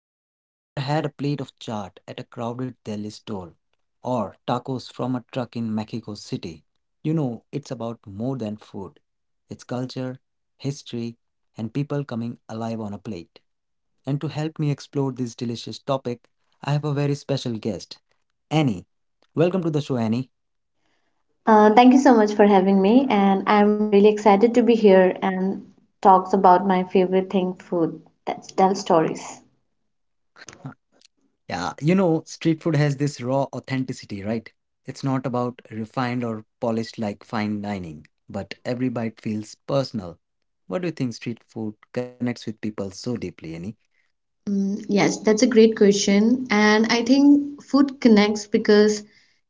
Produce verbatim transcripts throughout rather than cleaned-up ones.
if you have ever had a plate of chaat at a crowded Delhi store or tacos from a truck in Mexico City, you know it's about more than food. It's culture, history, and people coming alive on a plate. And to help me explore this delicious topic, I have a very special guest, Annie. Welcome to the show, Annie. Uh, Thank you so much for having me, and I'm really excited to be here and talks about my favorite thing, food. That's tell stories. Yeah, you know, street food has this raw authenticity, right? It's not about refined or polished like fine dining, but every bite feels personal. What do you think street food connects with people so deeply, Annie? Mm, Yes, that's a great question. And I think food connects because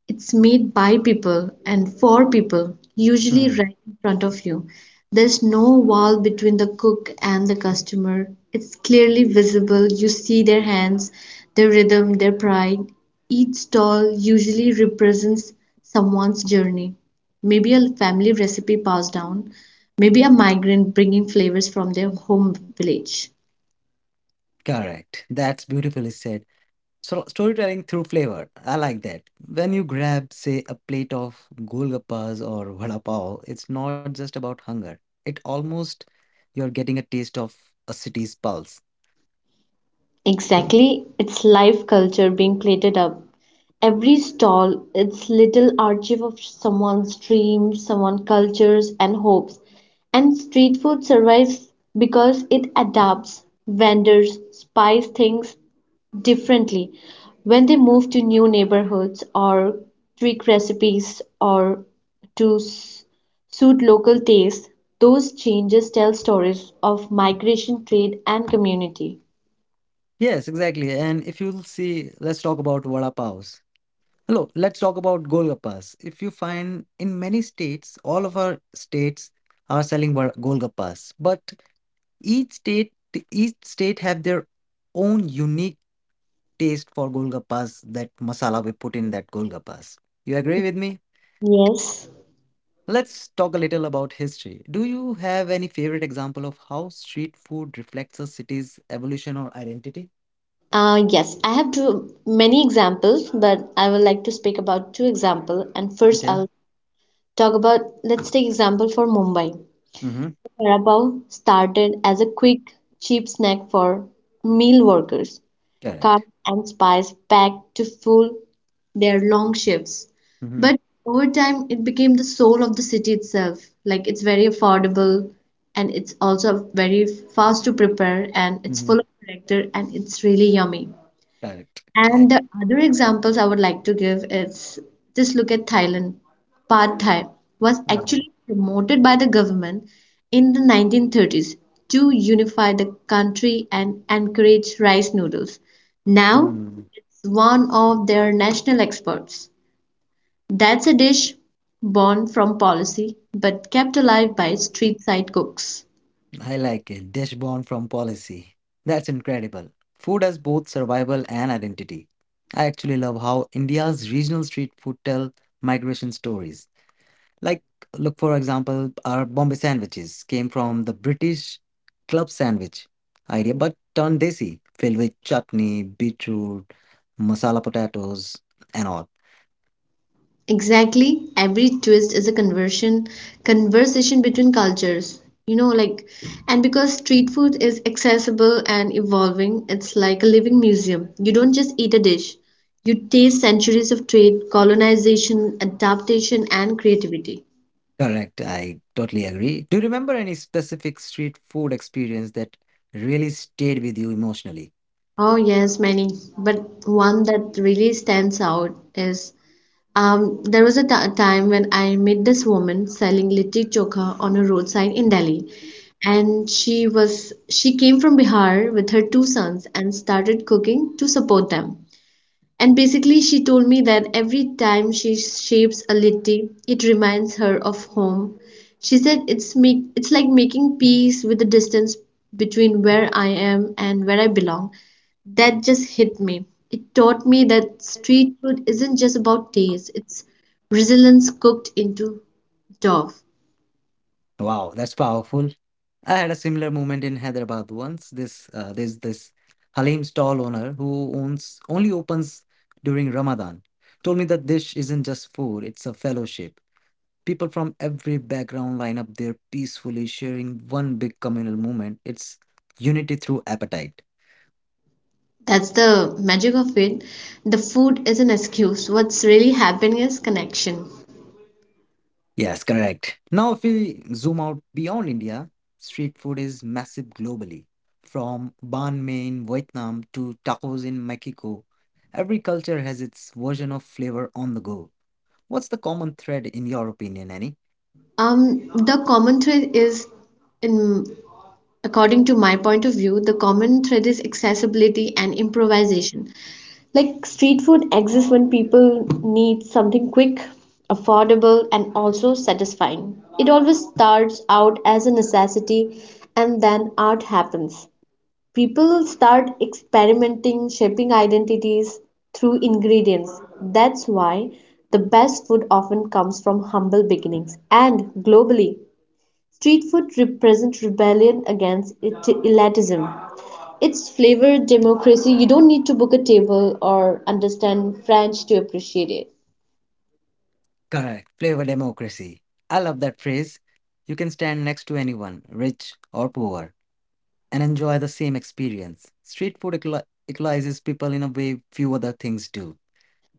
it's made by people and for people, usually Hmm, right in front of you. There's no wall between the cook and the customer. It's clearly visible. You see their hands, their rhythm, their pride. Each stall usually represents someone's journey. Maybe a family recipe passed down, maybe a migrant bringing flavors from their home village. correct. That's beautifully said. So storytelling through flavor. I like that. When you grab, say, a plate of golgappas or vada pav, it's not just about hunger. It almost you're getting a taste of a city's pulse. Exactly, it's live culture being plated up. Every stall, it's little archive of someone's dreams, someone's cultures and hopes. And street food survives because it adapts, vendors, spice things differently when they move to new neighborhoods or tweak recipes or to s- suit local tastes. Those changes tell stories of migration, trade, and community. Yes, exactly. And if you'll see, let's talk about vada pavs. Hello, let's talk about golgappas. If you find in many states, all of our states are selling vada- golgappas, but each state each state have their own unique taste for golgappas, that masala we put in that golgappas. You agree with me? Yes. Let's talk a little about history. Do you have any favorite example of how street food reflects a city's evolution or identity? Uh, yes, I have two many examples, but I would like to speak about two example. And first, Okay. I'll talk about let's take example for Mumbai. Mm-hmm. Carabao started as a quick, cheap snack for meal workers. Cut Correct. and spice packed to fuel their long shifts. Mm-hmm. But over time, it became the soul of the city itself. Like it's very affordable and it's also very fast to prepare and it's Mhm. full of character and it's really yummy. Correct. I And the other examples I would like to give is just look at Thailand. Pad Thai was no. actually promoted by the government in the nineteen thirties to unify the country and encourage rice noodles. Now Mm, it's one of their national exports. That's a dish born from policy but kept alive by street side cooks. I like it. Dish born from policy. That's incredible. Food as both survival and identity. I actually love how India's regional street food tell migration stories. Like, look for example, our Bombay sandwiches came from the British club sandwich idea, but turned desi, filled with chutney, beetroot, masala potatoes, and all. Exactly. Every twist is a conversion conversation between cultures. You know, like and because street food is accessible and evolving, it's like a living museum. You don't just eat a dish. You taste centuries of trade, colonization, adaptation, and creativity. Correct, I totally agree. Do you remember any specific street food experience that really stayed with you emotionally? Oh yes, many. But one that really stands out is Um, there was a t- time when I met this woman selling litti chokha on a road sign in Delhi, and she was she came from Bihar with her two sons and started cooking to support them. And basically, she told me that every time she shapes a litti, it reminds her of home. She said it's make it's like making peace with the distance between where I am and where I belong. That just hit me. It taught me that street food isn't just about taste, it's resilience cooked into dough. Wow, that's powerful. I had a similar moment in Hyderabad once. This uh, there's this Halim stall owner who owns only opens during Ramadan. Told me that this isn't just food, it's a fellowship. People from every background line up there peacefully sharing one big communal moment. It's unity through appetite. That's the magic of it. The food is an excuse. What's really happening is connection. Yes, correct. Now, if we zoom out beyond India, street food is massive globally. From banh mi in Vietnam to tacos in Mexico, every culture has its version of flavor on the go. What's the common thread in your opinion, Annie? Um, the common thread is in according to my point of view, the common thread is accessibility and improvisation. Like street food exists when people need something quick, affordable, and also satisfying. It always starts out as a necessity, and then art happens. People start experimenting, shaping identities through ingredients. That's why the best food often comes from humble beginnings. And globally, street food represents rebellion against it- elitism. Its flavor, democracy. You don't need to book a table or understand French to appreciate it. Correct, flavor democracy. I love that phrase. You can stand next to anyone, rich or poor, and enjoy the same experience. Street food equali- equalizes people in a way few other things do.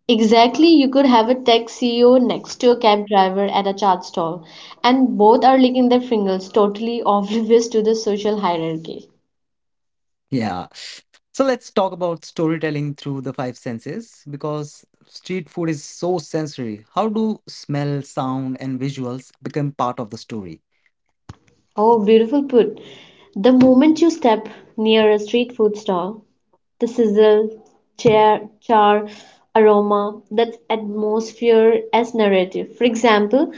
Exactly, you could have a tech C E O next to a cab driver at a chat stall, and both are licking their fingers, totally oblivious to the social hierarchy. Yeah, so let's talk about storytelling through the five senses because street food is so sensory. How do smell, sound, and visuals become part of the story? Oh, beautiful put. The moment you step near a street food stall, the sizzle, char, char, aroma, that atmosphere as narrative. For example,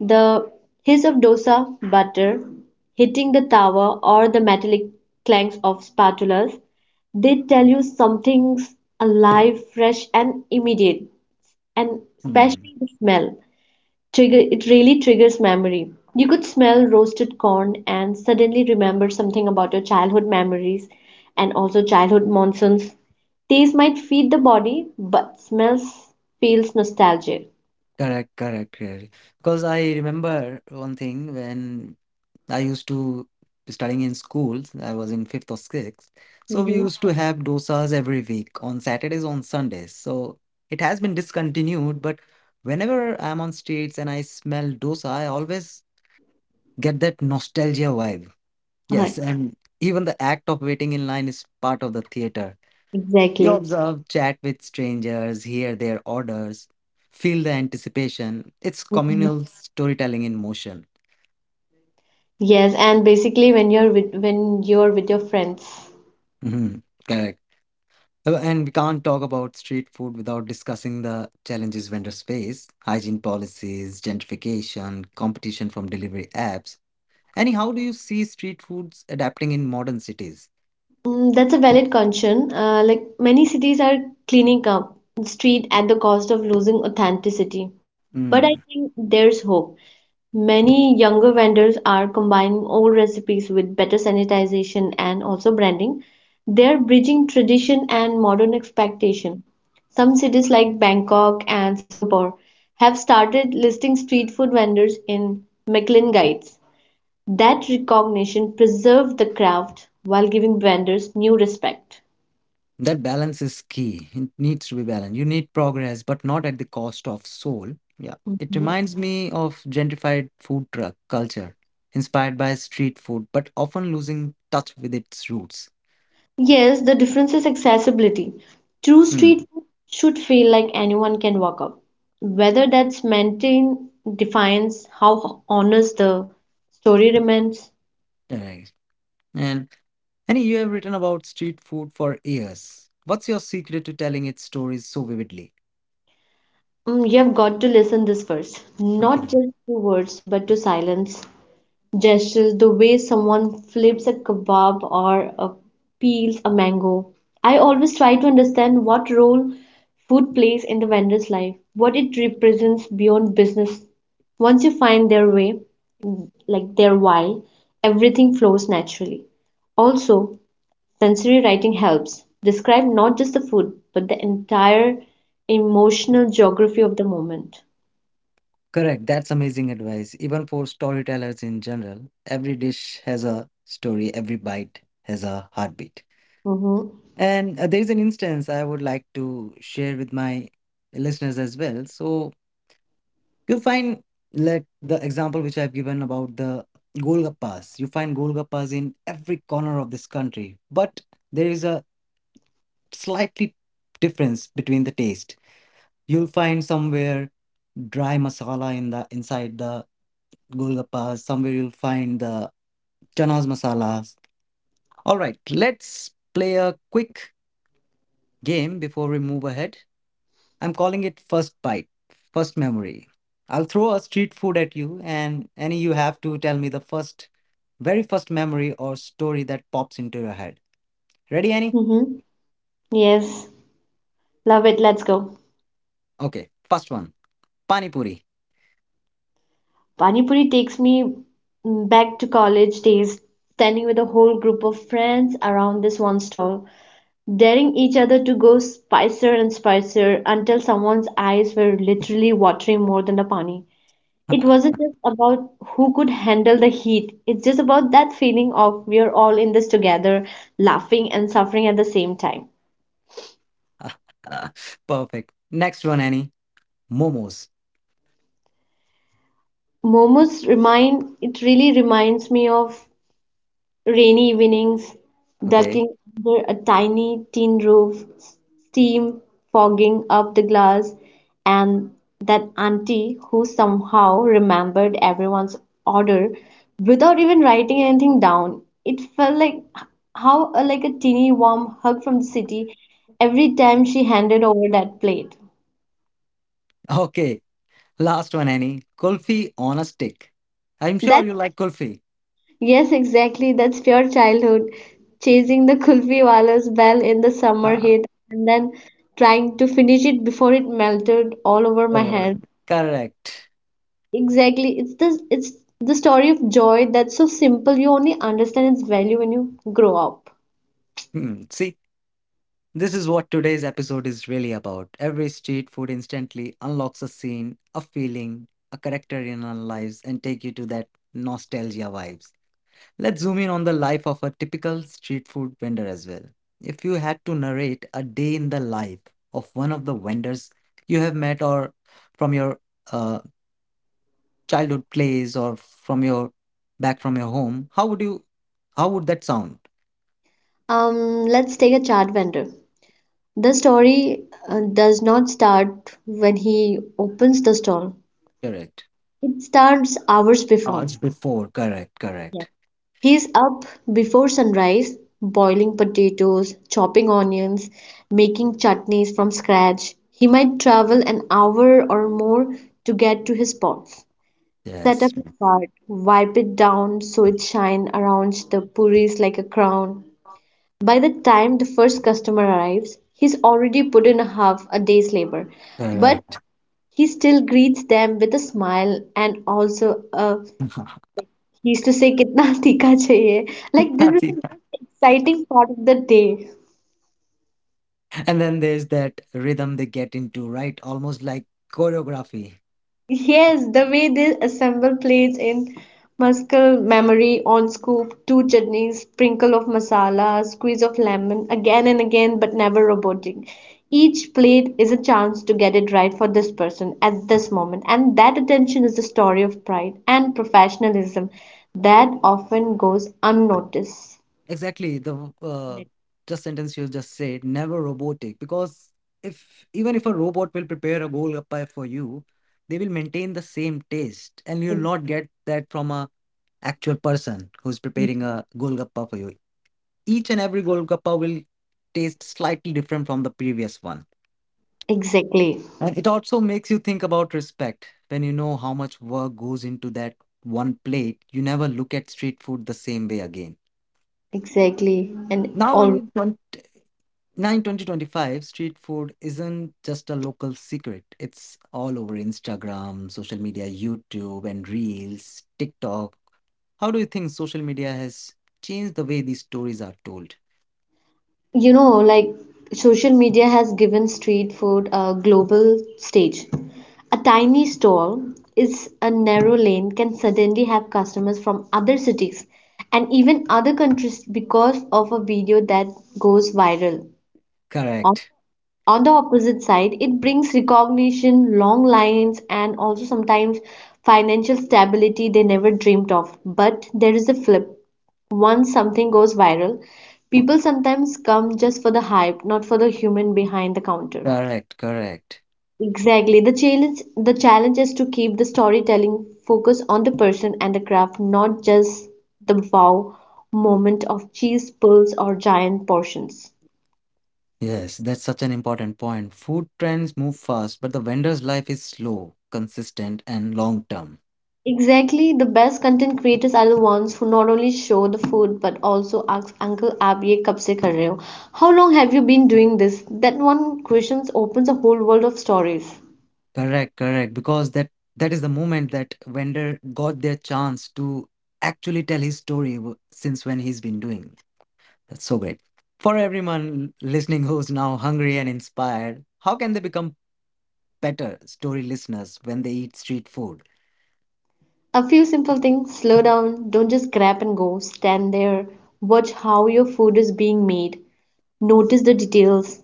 the hiss of dosa butter hitting the tawa or the metallic clanks of spatulas, they tell you something's alive, fresh, and immediate, and Hmm. especially the smell trigger it really triggers memory. You could smell roasted corn and suddenly remember something about your childhood memories and also childhood monsoons. Taste might feed the body, but smells feels nostalgic. Correct, correct, correct. Because I remember one thing when I used to studying in schools, I was in fifth or sixth. So we Mm-hmm. used to have dosas every week on Saturdays, on Sundays. So it has been discontinued, but whenever I'm on streets and I smell dosa, I always get that nostalgia vibe. Uh, Yes, and even the act of waiting in line is part of the theater. You exactly. observe, chat with strangers, hear their orders, feel the anticipation. It's Mhm. communal storytelling in motion. Yes, and basically when you're with when you're with your friends. Hmm, correct. Oh, and we can't talk about street food without discussing the challenges vendors face, hygiene policies, gentrification, competition from delivery apps. Annie, how do you see street foods adapting in modern cities? Mm, that's a valid concern. Uh, like many cities are cleaning up the street at the cost of losing authenticity. But I Hmm. think there's hope. Many younger vendors are combining old recipes with better sanitization and also branding. They're bridging tradition and modern expectation. Some cities like Bangkok and Singapore have started listing street food vendors in Michelin guides. That recognition preserved the craft while giving vendors new respect. That balance is key. It needs to be balanced. You need progress, but not at the cost of soul. Yeah. It Mhm. reminds me of gentrified food truck culture, inspired by street food, but often losing touch with its roots. Yes, the difference is accessibility. True Hmm. street food should feel like anyone can walk up. Whether that's maintained defines how honest the story remains. Right. And Annie, you have written about street food for years. What's your secret to telling its stories so vividly? Mm, you have got to listen this first, not Okay. just to words, but to silence. Gestures, the way someone flips a kebab or uh, peels a mango. I always try to understand what role food plays in the vendor's life, what it represents beyond business. Once you find their way, like their why, everything flows naturally. Also, sensory writing helps describe not just the food, but the entire emotional geography of the moment. Correct. That's amazing advice. Even for storytellers in general, every dish has a story, every bite has a heartbeat. Mm-hmm. And uh, there is an instance I would like to share with my listeners as well. So you find like the example which I've given about the Golgappas. You find Golgappas in every corner of this country, but there is a slightly difference between the taste. You'll find somewhere dry masala in the inside the Golgappas. Somewhere you'll find the chanas masalas. All right, let's play a quick game before we move ahead. I'm calling it first bite, first memory. I'll throw a street food at you, and any you have to tell me the first, very first memory or story that pops into your head. Ready, Annie? Mm-hmm. Yes, love it. Let's go. Okay, first one, pani puri. Pani Puri takes me mm, back to college days, standing with a whole group of friends around this one stall, daring each other to go spicier and spicier until someone's eyes were literally watering more than the pani. It wasn't just about who could handle the heat, it's just about that feeling of we're all in this together, laughing and suffering at the same time. Perfect. Next one, Annie, momos. Momos remind It really reminds me of rainy evenings, Okay, ducking under a tiny tin roof, steam fogging up the glass, and that auntie who somehow remembered everyone's order without even writing anything down. It felt like how a, like a teeny warm hug from the city every time she handed over that plate. okay. Last one, Annie, kulfi on a stick. I'm sure That you like kulfi. yes, exactly. That's pure childhood. Chasing the kulfi wala's bell in the summer Ah, heat and then trying to finish it before it melted all over all my right. hand. Correct. Exactly. It's the it's the story of joy that's so simple. You only understand its value when you grow up. Hmm. See. This is what today's episode is really about. Every street food instantly unlocks a scene, a feeling, a character in our lives and take you to that nostalgia vibes. Let's zoom in on the life of a typical street food vendor as well. If you had to narrate a day in the life of one of the vendors you have met or from your uh, childhood plays or from your back from your home, how would you how would that sound? Um, let's take a chart vendor. The story uh, does not start when he opens the stall. Correct. It starts hours before. Hours before, correct, correct. He's up before sunrise, boiling potatoes, chopping onions, making chutneys from scratch. He might travel an hour or more to get to his pots, set up Yes, his cart, wipe it down so it shines around the puris like a crown. By the time the first customer arrives, he's already put in half a day's labor, but correct. he still greets them with a smile and also a he used to say, "Kitna tikka chahiye?" Like this is the And most exciting part of the day. then there's that rhythm they get into, right? Almost like choreography. Yes, the way they assemble plates in muscle memory on scoop, two chutneys, sprinkle of masala, squeeze of lemon, again and again, but never robotic. Each plate is a chance to get it right for this person at this moment, and that attention is a story of pride and professionalism that often goes unnoticed. Exactly. The uh, just sentence you just said, never robotic. Because if even if a robot will prepare a golgappa for you, they will maintain the same taste, and you'll not get that from a actual person who's preparing a golgappa for you. Each and every golgappa will taste slightly different from the previous one. Exactly, And it also makes you think about respect. When you know how much work goes into that one plate, you never look at street food the same way again. exactly, and Now all. in 20, 9 twenty twenty-five, street food isn't just a local secret. It's all over Instagram, social media, YouTube, and Reels, TikTok. How do you think social media has changed the way these stories are told? You know, like social media has given street food a global stage. A tiny stall is a narrow lane can suddenly have customers from other cities and even other countries because of a video that goes viral. Correct. On the opposite side, it brings recognition, long lines, and also sometimes financial stability they never dreamed of. But there is a flip. Once something goes viral, people sometimes come just for the hype, not for the human behind the counter. Correct. Correct. Exactly. The challenge the challenge is to keep the storytelling focus on the person and the craft, not just the wow moment of cheese pulls or giant portions. Yes, that's such an important point. Food trends move fast, but the vendor's life is slow, consistent, and long term. Exactly, the best content creators are the ones who not only show the food but also ask Uncle आप ye kab se kar रहे हो? How long have you been doing this? That one question opens a whole world of stories. Correct, correct. Because that that is the moment that vendor got their chance to actually tell his story w- since when he's been doing. That's so great. For everyone listening who's now hungry and inspired, how can they become better story listeners when they eat street food? A few simple things slow down, don't just grab and go, stand there, watch how your food is being made, notice the details,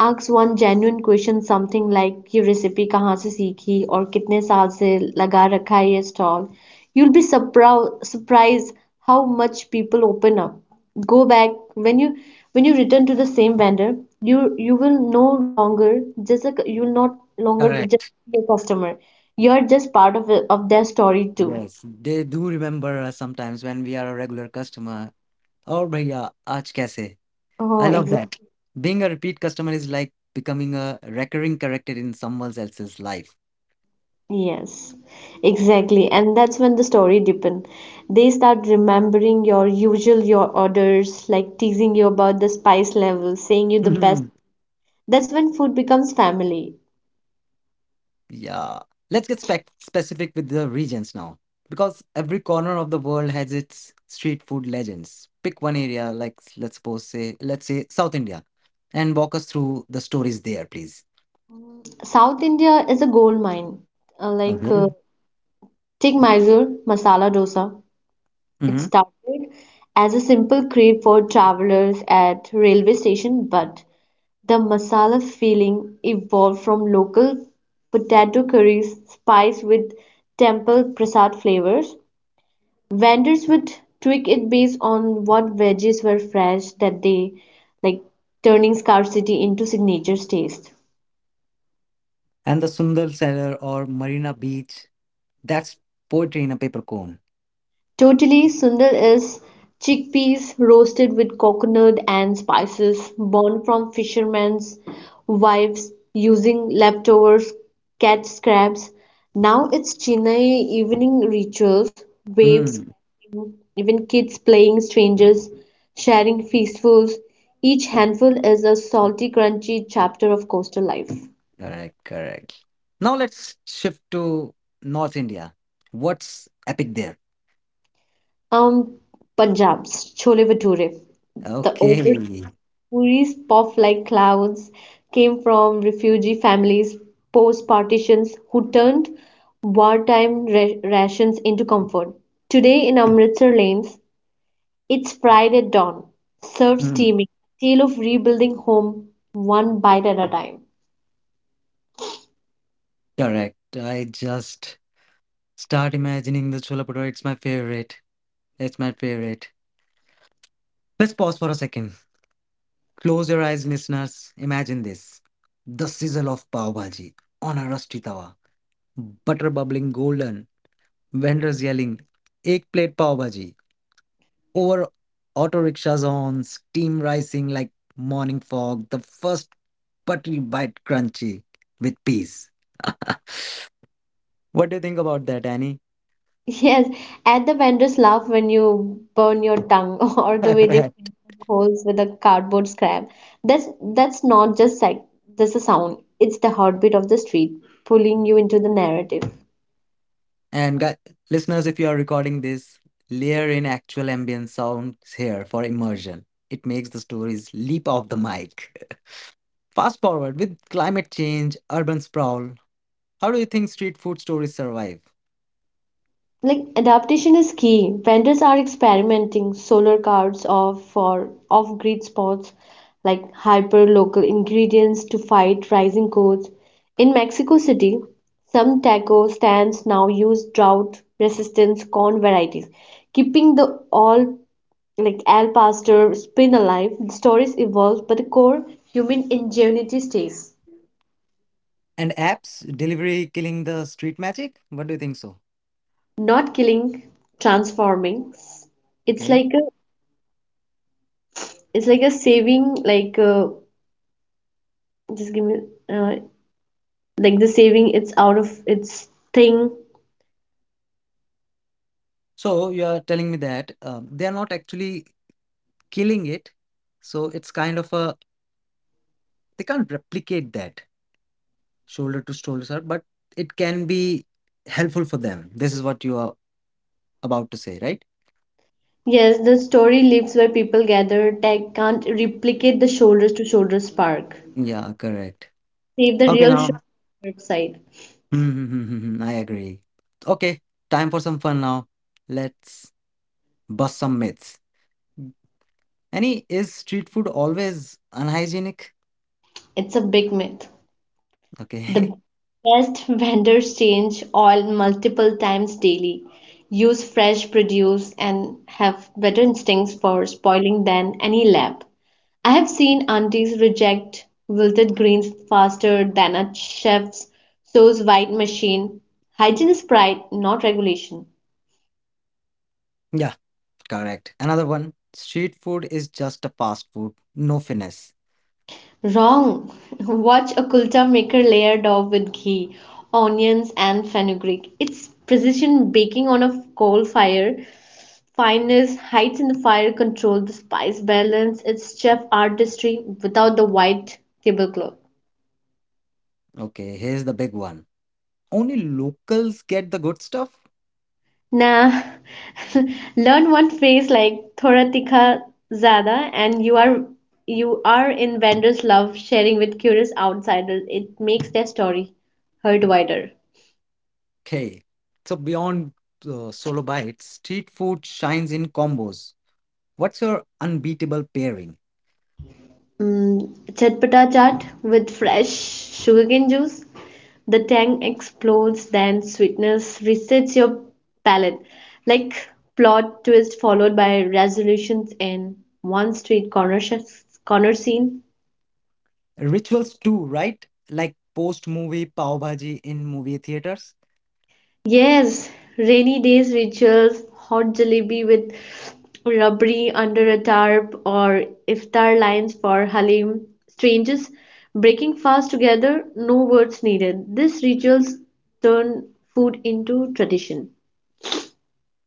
asks one genuine question something like ये recipe कहाँ से सीखी और कितने साल से लगा रखा है ये stall. You'll be surpro- surprised how much people open up. Go back when you when you return to the same vendor, you you will no longer just a, you will not longer be just Correct. a customer. You're just part of of their story too. Yes, they do remember us sometimes when we are a regular customer. Oh, भैया आज कैसे. Oh, I love exactly. that. Being a repeat customer is like becoming a recurring character in someone else's life. Yes, exactly. And that's when the story deepen. They start remembering your usual your orders, like teasing you about the spice level, saying you the best. Mhm. That's when food becomes family. Yeah. Let's get spec- specific with the regions now. Because every corner of the world has its street food legends. Pick one area, like s- let's suppose say, let's say South India, and walk us through the stories there, please. South India is a gold mine. Uh, like Okay. uh, Take Mysore masala dosa. It Hmm. started as a simple crave for travelers at railway station, but the masala filling evolved from local potato curries, spiced with temple prasad flavors. Vendors would tweak it based on what veggies were fresh that day, like turning scarcity into signature taste. And the Sundar Cellar or Marina Beach, that's poetry in a paper cone. Totally sundal is chickpeas roasted with coconut and spices born from fishermen's wives using leftovers, catch scraps. Now it's Chennai evening rituals, waves crashing, even kids playing strangers, sharing feastfuls. Each handful is a salty, crunchy chapter of coastal life. Correct, correct. Now let's shift to North India. What's epic there? Um, Punjab's Chole Bhature, the Okay. oversized puris puff like clouds, came from refugee families post partitions who turned wartime ra- rations into comfort. Today in Amritsar lanes, it's fried at dawn, served Hmm. steaming, a tale of rebuilding home one bite at a time. Correct. I just start imagining the Chola Bhatura. It's my favorite. It's my favorite. Let's pause for a second. Close your eyes, listeners. Imagine this. The sizzle of pav bhaji on a rusty tawa. Butter bubbling golden. Vendors yelling, Ek plate pav bhaji, over auto rickshaws on steam rising like morning fog, the first buttery bite crunchy with peace. What do you think about that, Annie? Yes, and the vendors laugh when you burn your tongue or the way they fill the holes with a cardboard scrap. That's that's not just sec- just a sound. It's the heartbeat of the street, pulling you into the narrative. And gu- listeners, if you are recording this, layer in actual ambient sounds here for immersion. It makes the stories leap off the mic. Fast forward with climate change, urban sprawl, how do you think street food stories survive? Like adaptation is key. Vendors are experimenting solar cards of for off-grid spots like hyper-local ingredients to fight rising costs. In Mexico City, some taco stands now use drought-resistant corn varieties, keeping the all like al pastor spin alive. The stories evolve, but the core human ingenuity stays. And apps delivery killing the street magic, what do you think so? Not killing, transforming. It's Okay. like a It's like a saving, like uh, just give me uh, like the saving. It's out of its thing. So you are telling me that um, they are not actually killing it. So it's kind of a they can't replicate that shoulder to shoulder, sir, but it can be helpful for them. This is what you are about to say, right? Yes, the story lives where people gather. Tech can't replicate the shoulders to shoulder spark. Yeah, correct. Save the Okay, real now. shoulder side. Mm-hmm, I agree. Okay, time for some fun now. Let's bust some myths. Any is street food always unhygienic? It's a big myth. The Okay. best vendors change oil multiple times daily, use fresh produce, and have better instincts for spoiling than any lab. I have seen aunties reject wilted greens faster than a chef's sous vide machine. Hygiene is pride, not regulation. Yeah, correct. Another one. Street food is just a fast food, no finesse. Wrong! Watch a kulcha maker layered off with ghee, onions, and fenugreek. It's precision baking on a coal fire. Fineness, heights in the fire control, the spice balance. It's chef artistry without the white tablecloth. Okay, here's the big one. Only locals get the good stuff? Nah, learn one phrase like thoda tikha zada, and you are you are in vendors' love, sharing with curious outsiders. It makes their story heard wider. Okay. So beyond uh, solo bites, street food shines in combos. What's your unbeatable pairing? Mm, chatpata chaat with fresh sugarcane juice. The tang explodes, then sweetness resets your palate. Like plot twist followed by resolutions in one street corner sh corner scene. Rituals too, right? Like post movie pav bhaji in movie theaters? Yes, rainy days rituals, hot jalebi with rabri under a tarp, or iftar lines for halim. Strangers breaking fast together, no words needed. These rituals turn food into tradition.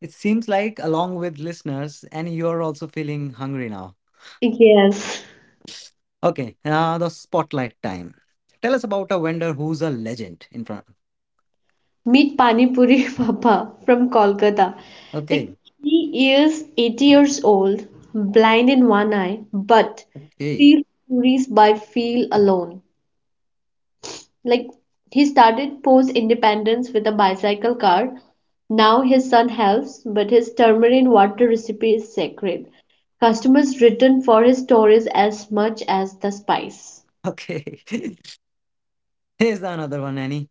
It seems like, along with listeners, and you're also feeling hungry now. Yes. Okay, now the spotlight time. Tell us about a vendor who's a legend in front. Meet Pani Puri Papa from Kolkata. Okay, Like he is eighty years old, blind in one eye, but okay, feels puris by feel alone. Like he started post independence with a bicycle cart. Now his son helps, but his tamarind water recipe is sacred. Customers return for his stories as much as the spice. okay. Here's another one, Annie.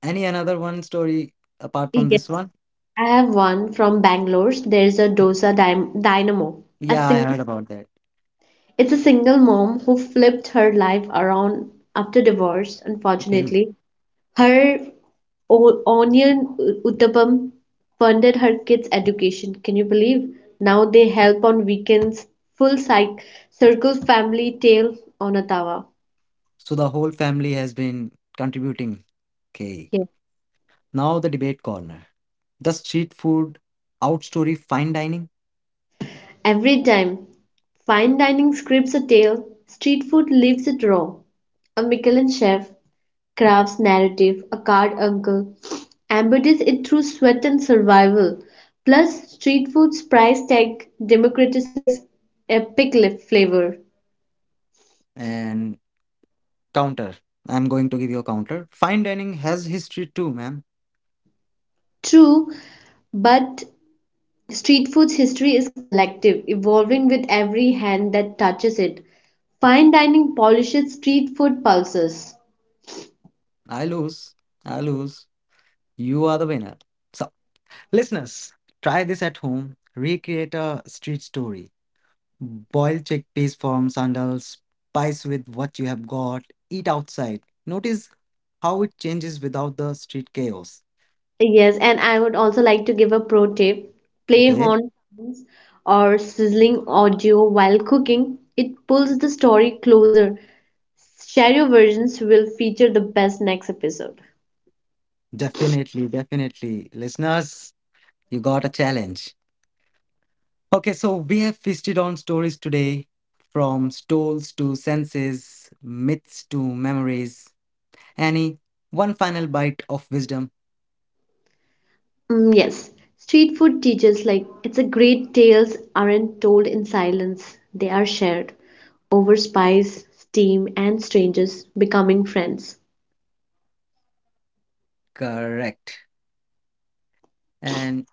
Any another one story apart from Yes, this one? I have one from Bangalore. There's a dosa dym dynamo. A Yeah, I single, heard about that. it's a single mom who flipped her life around after divorce. Okay. Unfortunately, her O- Onion Uthapam funded her kids' education, can you believe? Now they help on weekends. Full cy- circle family tale on Ottawa. So the whole family has been contributing. Okay. Yeah. Now the debate corner. Does street food outstory fine dining? Every time. Fine dining scripts a tale, street food leaves it raw. A Michelin chef crafts narrative, a card uncle embodies it through sweat and survival. Plus, street food's price tag democratizes epic li- flavor. And counter. I'm going to give you a counter. Fine dining has history too, ma'am. True, but street food's history is collective, evolving with every hand that touches it. Fine dining polishes street food pulses. I lose. I lose. You are the winner. So, listeners, try this at home. Recreate a street story. Boil chickpeas from sandals. Spice with what you have got. Eat outside. Notice how it changes without the street chaos. Yes, and I would also like to give a pro tip. Play Okay? horn sounds or sizzling audio while cooking. It pulls the story closer. Share your versions will feature the best next episode. Definitely, definitely. Listeners, you got a challenge. Okay, so we have feasted on stories today from stoles to senses, myths to memories. Annie, one final bite of wisdom. Mm, yes, street food teaches like it's a great tales aren't told in silence, they are shared over spice, steam, and strangers becoming friends. Correct. And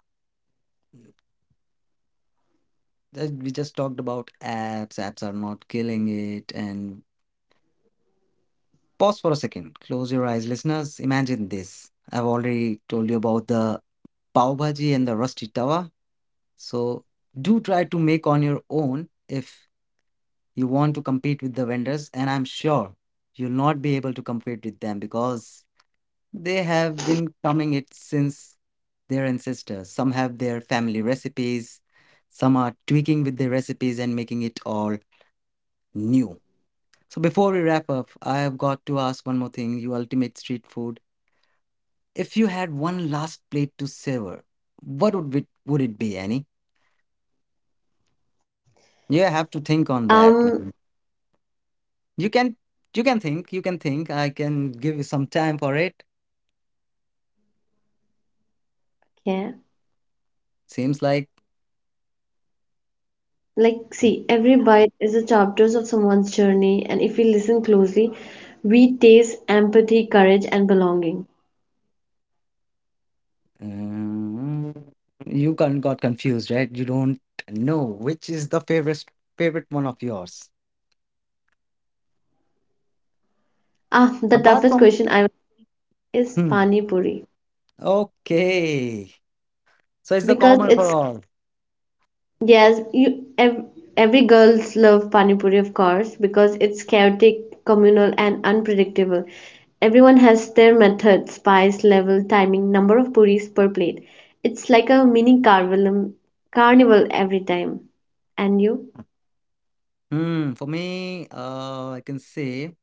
as we just talked about apps, apps are not killing it. And pause for a second, close your eyes, listeners. Imagine this. I've already told you about the pav bhaji and the rusty tawa. So do try to make on your own if you want to compete with the vendors, and I'm sure you'll not be able to compete with them because they have been coming it since their ancestors, some have their family recipes, some are tweaking with their recipes and making it all new. So before we wrap up, I have got to ask one more thing, you ultimate street food, if you had one last plate to savor, what would it would it be, Annie? You have to think on Um, that, man. You can you can think you can think I can give you some time for it. yeah, Seems like like see, every bite is a chapter of someone's journey, and if we listen closely, we taste empathy, courage, and belonging. uh, you con- got confused, right? You don't know which is the favorite favorite one of yours. Ah, the Apart toughest from question I is hmm. pani puri Okay. So it's the because common for it's all. yes, you ev every girls love pani puri, of course, because it's chaotic, communal, and unpredictable. Everyone has their method, spice, level, timing, number of puris per plate. It's like a mini carnival, carnival every time. And you? Hmm. For me, uh, I can say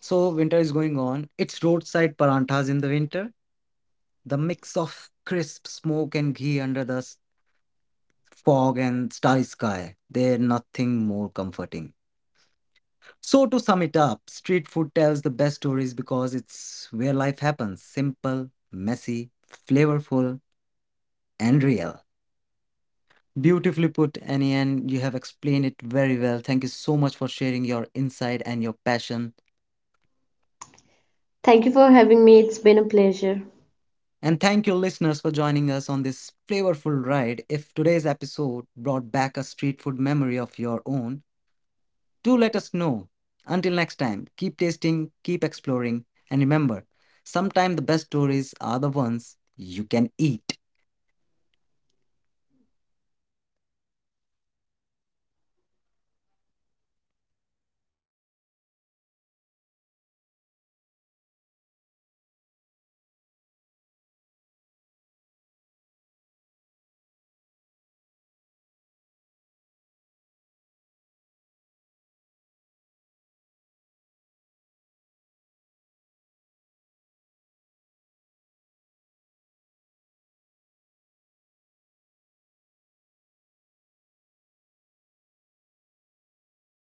so winter is going on. It's roadside paranthas in the winter. The mix of crisp smoke and ghee under the s- fog and starry sky. They're nothing more comforting. So to sum it up, street food tells the best stories because it's where life happens. Simple, messy, flavorful, and real. Beautifully put, Annie, and you have explained it very well. Thank you so much for sharing your insight and your passion. Thank you for having me. It's been a pleasure. And thank you, listeners, for joining us on this flavorful ride. If today's episode brought back a street food memory of your own, do let us know. Until next time, keep tasting, keep exploring, and remember sometimes the best stories are the ones you can eat.